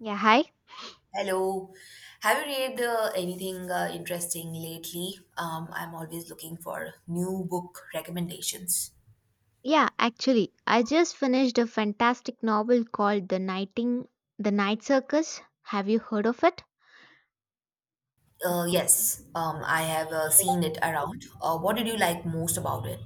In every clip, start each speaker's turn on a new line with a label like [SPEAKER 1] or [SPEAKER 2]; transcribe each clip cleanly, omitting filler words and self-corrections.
[SPEAKER 1] Yeah, hi.
[SPEAKER 2] Hello. Have you read anything interesting lately? I'm always looking for new book recommendations.
[SPEAKER 1] Yeah, actually, I just finished a fantastic novel called The Night Circus. Have you heard of it?
[SPEAKER 2] Yes, I have seen it around. What did you like most about it?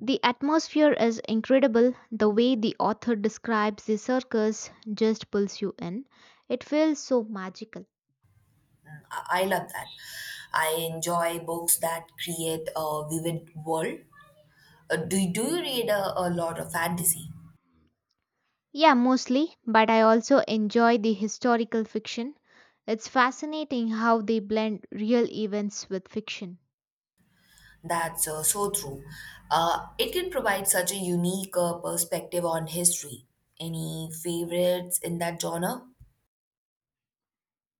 [SPEAKER 1] The atmosphere is incredible. The way the author describes the circus just pulls you in. It feels so magical.
[SPEAKER 2] Mm, I love that. I enjoy books that create a vivid world. Do you read a lot of fantasy?
[SPEAKER 1] Yeah, mostly, but I also enjoy the historical fiction. It's fascinating how they blend real events with fiction.
[SPEAKER 2] That's so true. It can provide such a unique perspective on history. Any favorites in that genre?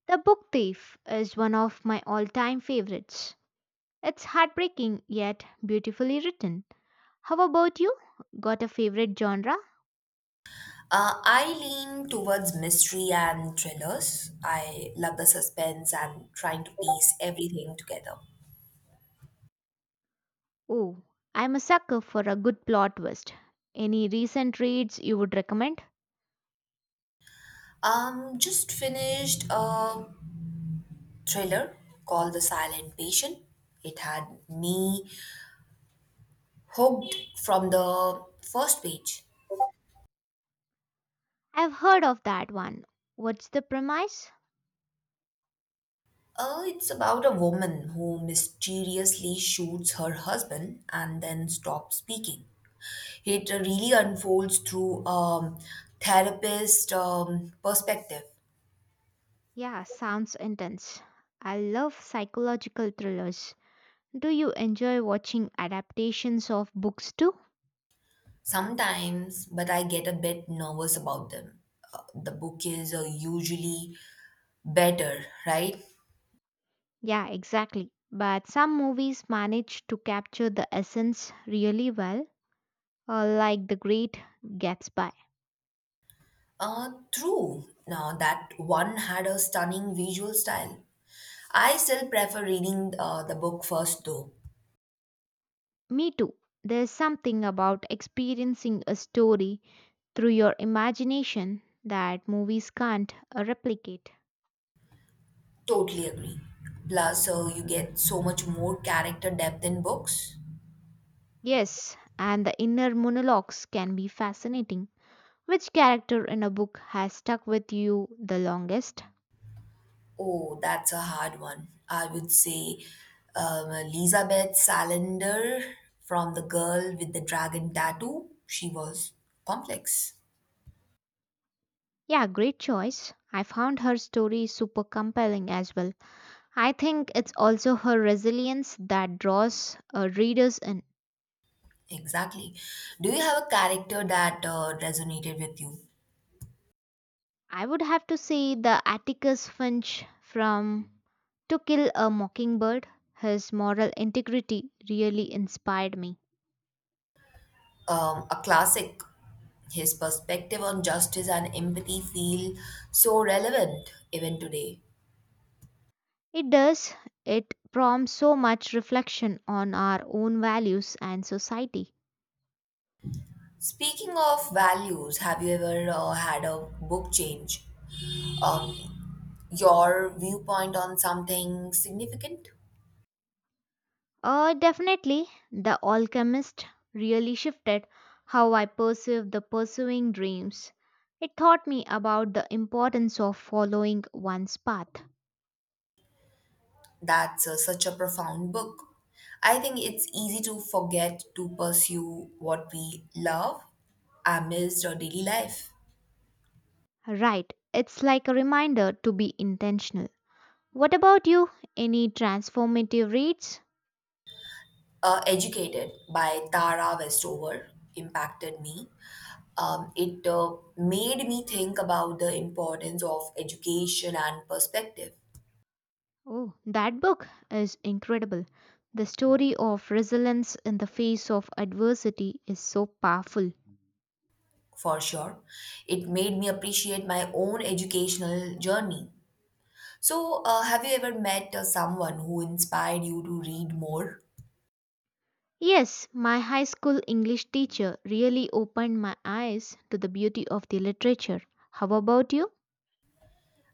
[SPEAKER 1] The Book Thief is one of my all time favorites. It's heartbreaking yet beautifully written. How about you? Got a favorite genre?
[SPEAKER 2] I lean towards mystery and thrillers. I love the suspense and trying to piece everything together.
[SPEAKER 1] Oh, I'm a sucker for a good plot twist. Any recent reads you would recommend?
[SPEAKER 2] Just finished a thriller called The Silent Patient. It had me hooked from the first page.
[SPEAKER 1] I've heard of that one. What's the premise?
[SPEAKER 2] It's about a woman who mysteriously shoots her husband and then stops speaking. It really unfolds through a therapist perspective.
[SPEAKER 1] Yeah, sounds intense. I love psychological thrillers. Do you enjoy watching adaptations of books too?
[SPEAKER 2] Sometimes, but I get a bit nervous about them. The bouquets are usually better, right?
[SPEAKER 1] Yeah, exactly. But some movies manage to capture the essence really well, like The Great Gatsby.
[SPEAKER 2] True. Now, that one had a stunning visual style. I still prefer reading the book first, though.
[SPEAKER 1] Me too. There's something about experiencing a story through your imagination that movies can't replicate.
[SPEAKER 2] Totally agree. Plus, you get so much more character depth in books.
[SPEAKER 1] Yes, and the inner monologues can be fascinating. Which character in a book has stuck with you the longest?
[SPEAKER 2] Oh, that's a hard one. I would say Elizabeth Salander from The Girl with the Dragon Tattoo. She was complex.
[SPEAKER 1] Yeah, great choice. I found her story super compelling as well. I think it's also her resilience that draws readers in.
[SPEAKER 2] Exactly. Do you have a character that resonated with you?
[SPEAKER 1] I would have to say the Atticus Finch from To Kill a Mockingbird. His moral integrity really inspired me.
[SPEAKER 2] A classic. His perspective on justice and empathy feel so relevant even today.
[SPEAKER 1] It does, it prompts so much reflection on our own values and society.
[SPEAKER 2] Speaking of values, have you ever had a book change um, your viewpoint on something significant?
[SPEAKER 1] Definitely, The Alchemist really shifted how I perceive the pursuing dreams. It taught me about the importance of following one's path.
[SPEAKER 2] That's such a profound book. I think it's easy to forget to pursue what we love amidst our daily life.
[SPEAKER 1] Right, it's like a reminder to be intentional. What about you? Any transformative reads?
[SPEAKER 2] Educated by Tara Westover impacted me. It made me think about the importance of education and perspective,
[SPEAKER 1] Oh, that book is incredible. The story of resilience in the face of adversity is so powerful.
[SPEAKER 2] for sure. It made me appreciate my own educational journey. So, have you ever met someone who inspired you to read more?
[SPEAKER 1] Yes, my high school English teacher really opened my eyes to the beauty of the literature. How about you?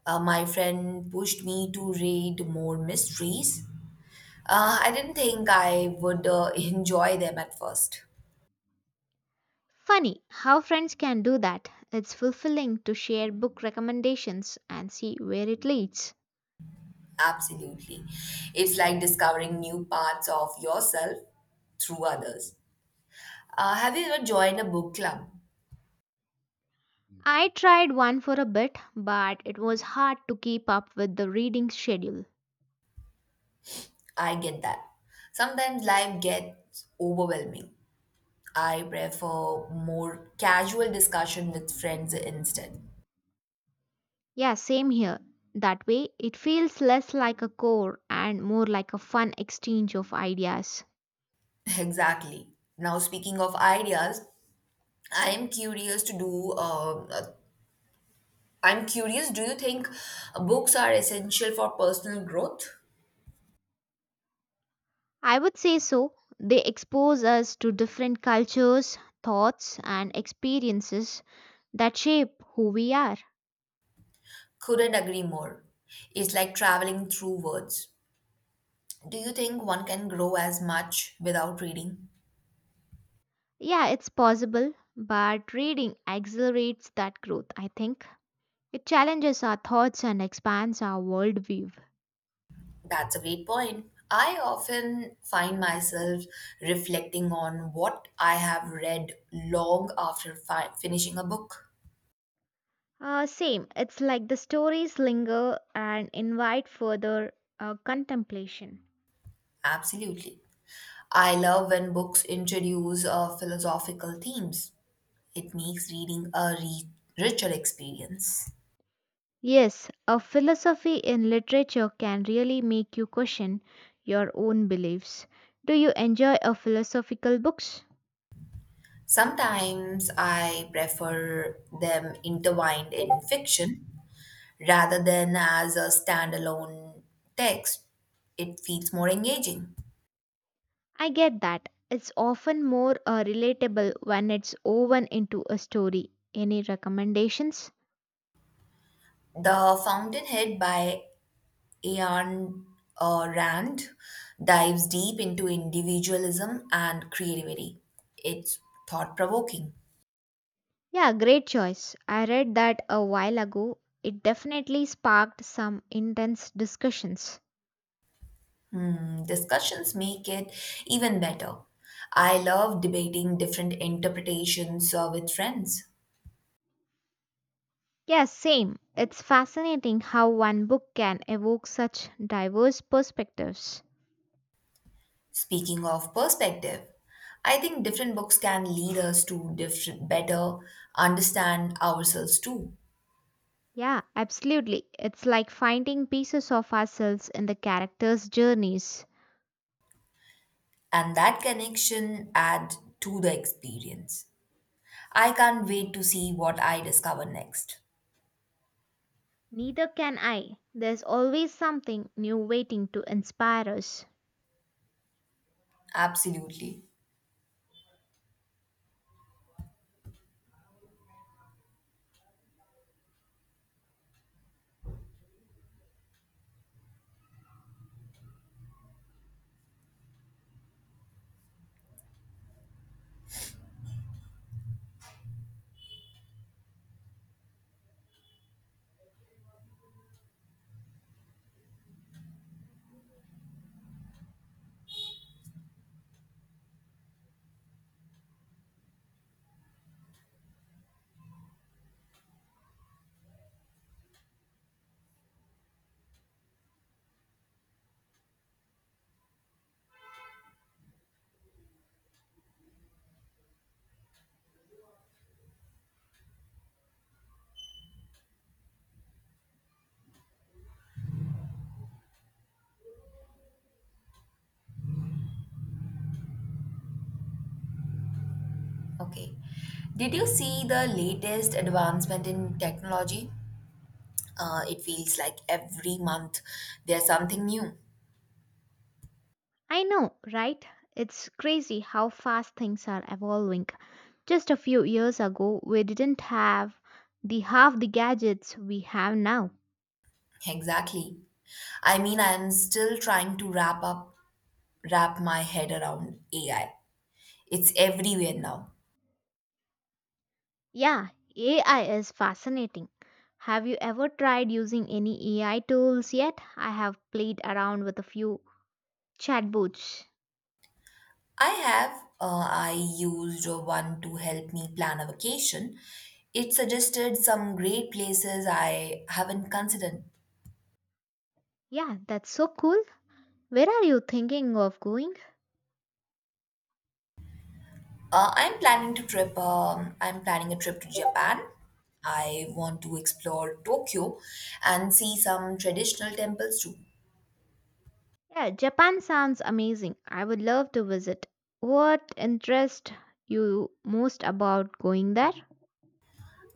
[SPEAKER 2] My friend pushed me to read more mysteries. I didn't think I would enjoy them at first.
[SPEAKER 1] Funny how friends can do that. It's fulfilling to share book recommendations and see where it leads.
[SPEAKER 2] Absolutely. It's like discovering new parts of yourself through others. Have you ever joined a book club?
[SPEAKER 1] I tried one for a bit, but it was hard to keep up with the reading schedule.
[SPEAKER 2] I get that. Sometimes life gets overwhelming. I prefer more casual discussion with friends instead.
[SPEAKER 1] Yeah, same here. That way, it feels less like a core and more like a fun exchange of ideas.
[SPEAKER 2] Exactly. Now, speaking of ideas, I am curious to do. I'm curious. Do you think books are essential for personal growth?
[SPEAKER 1] I would say so. They expose us to different cultures, thoughts, and experiences that shape who we are.
[SPEAKER 2] Couldn't agree more. It's like traveling through words. Do you think one can grow as much without reading?
[SPEAKER 1] Yeah, it's possible, but reading accelerates that growth, I think. It challenges our thoughts and expands our worldview.
[SPEAKER 2] That's a great point. I often find myself reflecting on what I have read long after finishing a book.
[SPEAKER 1] Same, it's like the stories linger and invite further contemplation.
[SPEAKER 2] Absolutely. I love when books introduce philosophical themes. It makes reading a richer experience.
[SPEAKER 1] Yes, a philosophy in literature can really make you question your own beliefs. Do you enjoy a philosophical books?
[SPEAKER 2] Sometimes I prefer them intertwined in fiction rather than as a standalone text. It feels more engaging.
[SPEAKER 1] I get that. It's often more relatable when it's woven into a story. Any recommendations?
[SPEAKER 2] The Fountainhead by Ayn Rand dives deep into individualism and creativity. It's thought provoking.
[SPEAKER 1] Yeah, great choice. I read that a while ago. It definitely sparked some intense discussions.
[SPEAKER 2] Hmm, discussions make it even better. I love debating different interpretations with friends.
[SPEAKER 1] Yeah, same. It's fascinating how one book can evoke such diverse perspectives.
[SPEAKER 2] Speaking of perspective, I think different books can lead us to different, better understand ourselves too.
[SPEAKER 1] Yeah, absolutely. It's like finding pieces of ourselves in the characters' journeys.
[SPEAKER 2] And that connection add to the experience. I can't wait to see what I discover next.
[SPEAKER 1] Neither can I. There's always something new waiting to inspire us.
[SPEAKER 2] Absolutely. Okay. Did you see the latest advancement in technology? It feels like every month there's something new.
[SPEAKER 1] I know, right? It's crazy how fast things are evolving. Just a few years ago, we didn't have the half the gadgets we have now.
[SPEAKER 2] Exactly. I mean, I'm still trying to wrap up, wrap my head around AI. It's everywhere now.
[SPEAKER 1] Yeah, AI is fascinating. Have you ever tried using any AI tools yet? I have played around with a few chatbots.
[SPEAKER 2] I have, I used one to help me plan a vacation. It suggested some great places I haven't considered.
[SPEAKER 1] Yeah, that's so cool. Where are you thinking of going?
[SPEAKER 2] I'm planning to trip. I'm planning a trip to Japan. I want to explore Tokyo and see some traditional temples too.
[SPEAKER 1] Yeah, Japan sounds amazing. I would love to visit. What interests you most about going there?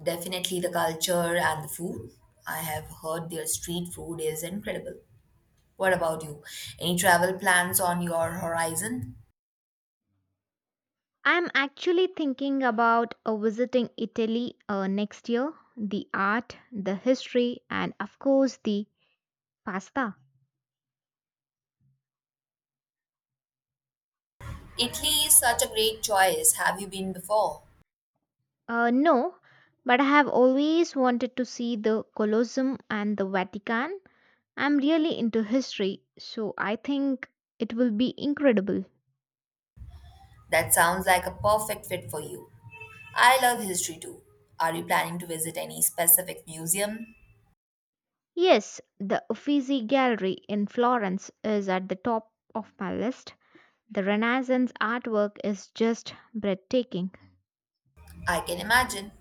[SPEAKER 2] Definitely the culture and the food. I have heard their street food is incredible. What about you? Any travel plans on your horizon?
[SPEAKER 1] I'm actually thinking about visiting Italy next year. The art, the history, and of course the pasta.
[SPEAKER 2] Italy is such a great choice. Have you been before?
[SPEAKER 1] No, but I have always wanted to see the Colosseum and the Vatican. I'm really into history, so I think it will be incredible.
[SPEAKER 2] That sounds like a perfect fit for you. I love history too. Are you planning to visit any specific museum?
[SPEAKER 1] Yes, the Uffizi Gallery in Florence is at the top of my list. The Renaissance artwork is just breathtaking.
[SPEAKER 2] I can imagine.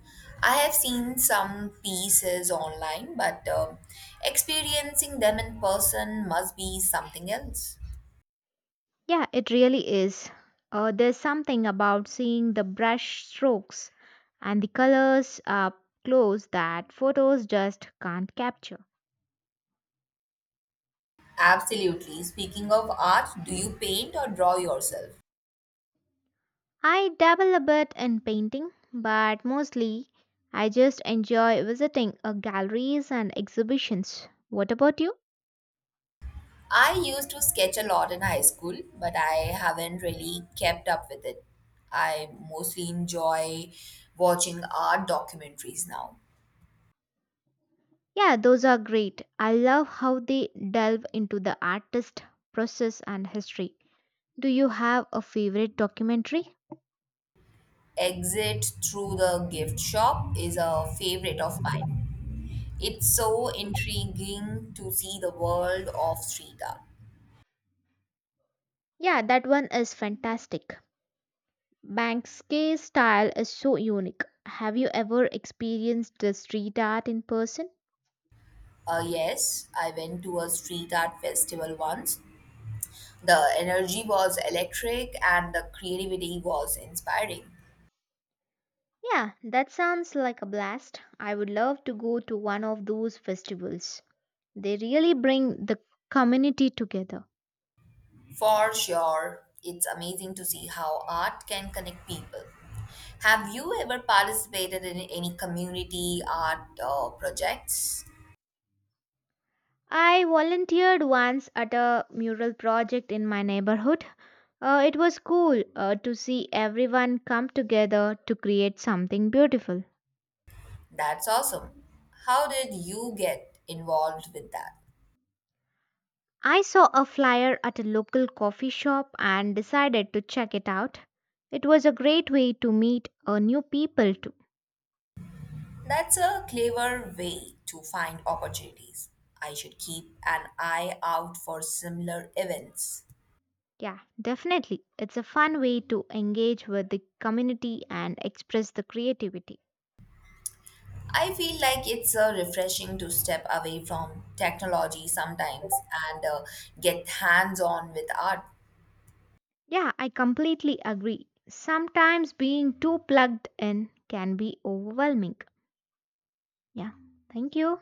[SPEAKER 2] I have seen some pieces online, but experiencing them in person must be something else.
[SPEAKER 1] Yeah, it really is. There's something about seeing the brush strokes and the colors up close that photos just can't capture.
[SPEAKER 2] Absolutely. Speaking of art, do you paint or draw yourself?
[SPEAKER 1] I dabble a bit in painting, but mostly I just enjoy visiting galleries and exhibitions. What about you?
[SPEAKER 2] I used to sketch a lot in high school, but I haven't really kept up with it. I mostly enjoy watching art documentaries now.
[SPEAKER 1] Yeah, those are great. I love how they delve into the artist, process, and history. Do you have a favorite documentary?
[SPEAKER 2] Exit Through the Gift Shop is a favorite of mine. It's so intriguing to see the world of street art.
[SPEAKER 1] Yeah, that one is fantastic. Banksky's style is so unique. Have you ever experienced the street art in person?
[SPEAKER 2] Yes, I went to a street art festival once. The energy was electric and the creativity was inspiring.
[SPEAKER 1] Yeah, that sounds like a blast. I would love to go to one of those festivals. They really bring the community together.
[SPEAKER 2] For sure, it's amazing to see how art can connect people. Have you ever participated in any community art projects?
[SPEAKER 1] I volunteered once at a mural project in my neighborhood. It was cool to see everyone come together to create something beautiful.
[SPEAKER 2] That's awesome. How did you get involved with that?
[SPEAKER 1] I saw a flyer at a local coffee shop and decided to check it out. It was a great way to meet new people too.
[SPEAKER 2] That's a clever way to find opportunities. I should keep an eye out for similar events.
[SPEAKER 1] Yeah, definitely. It's a fun way to engage with the community and express the creativity.
[SPEAKER 2] I feel like it's refreshing to step away from technology sometimes and get hands on with art.
[SPEAKER 1] Yeah, I completely agree. Sometimes being too plugged in can be overwhelming. Yeah, thank you.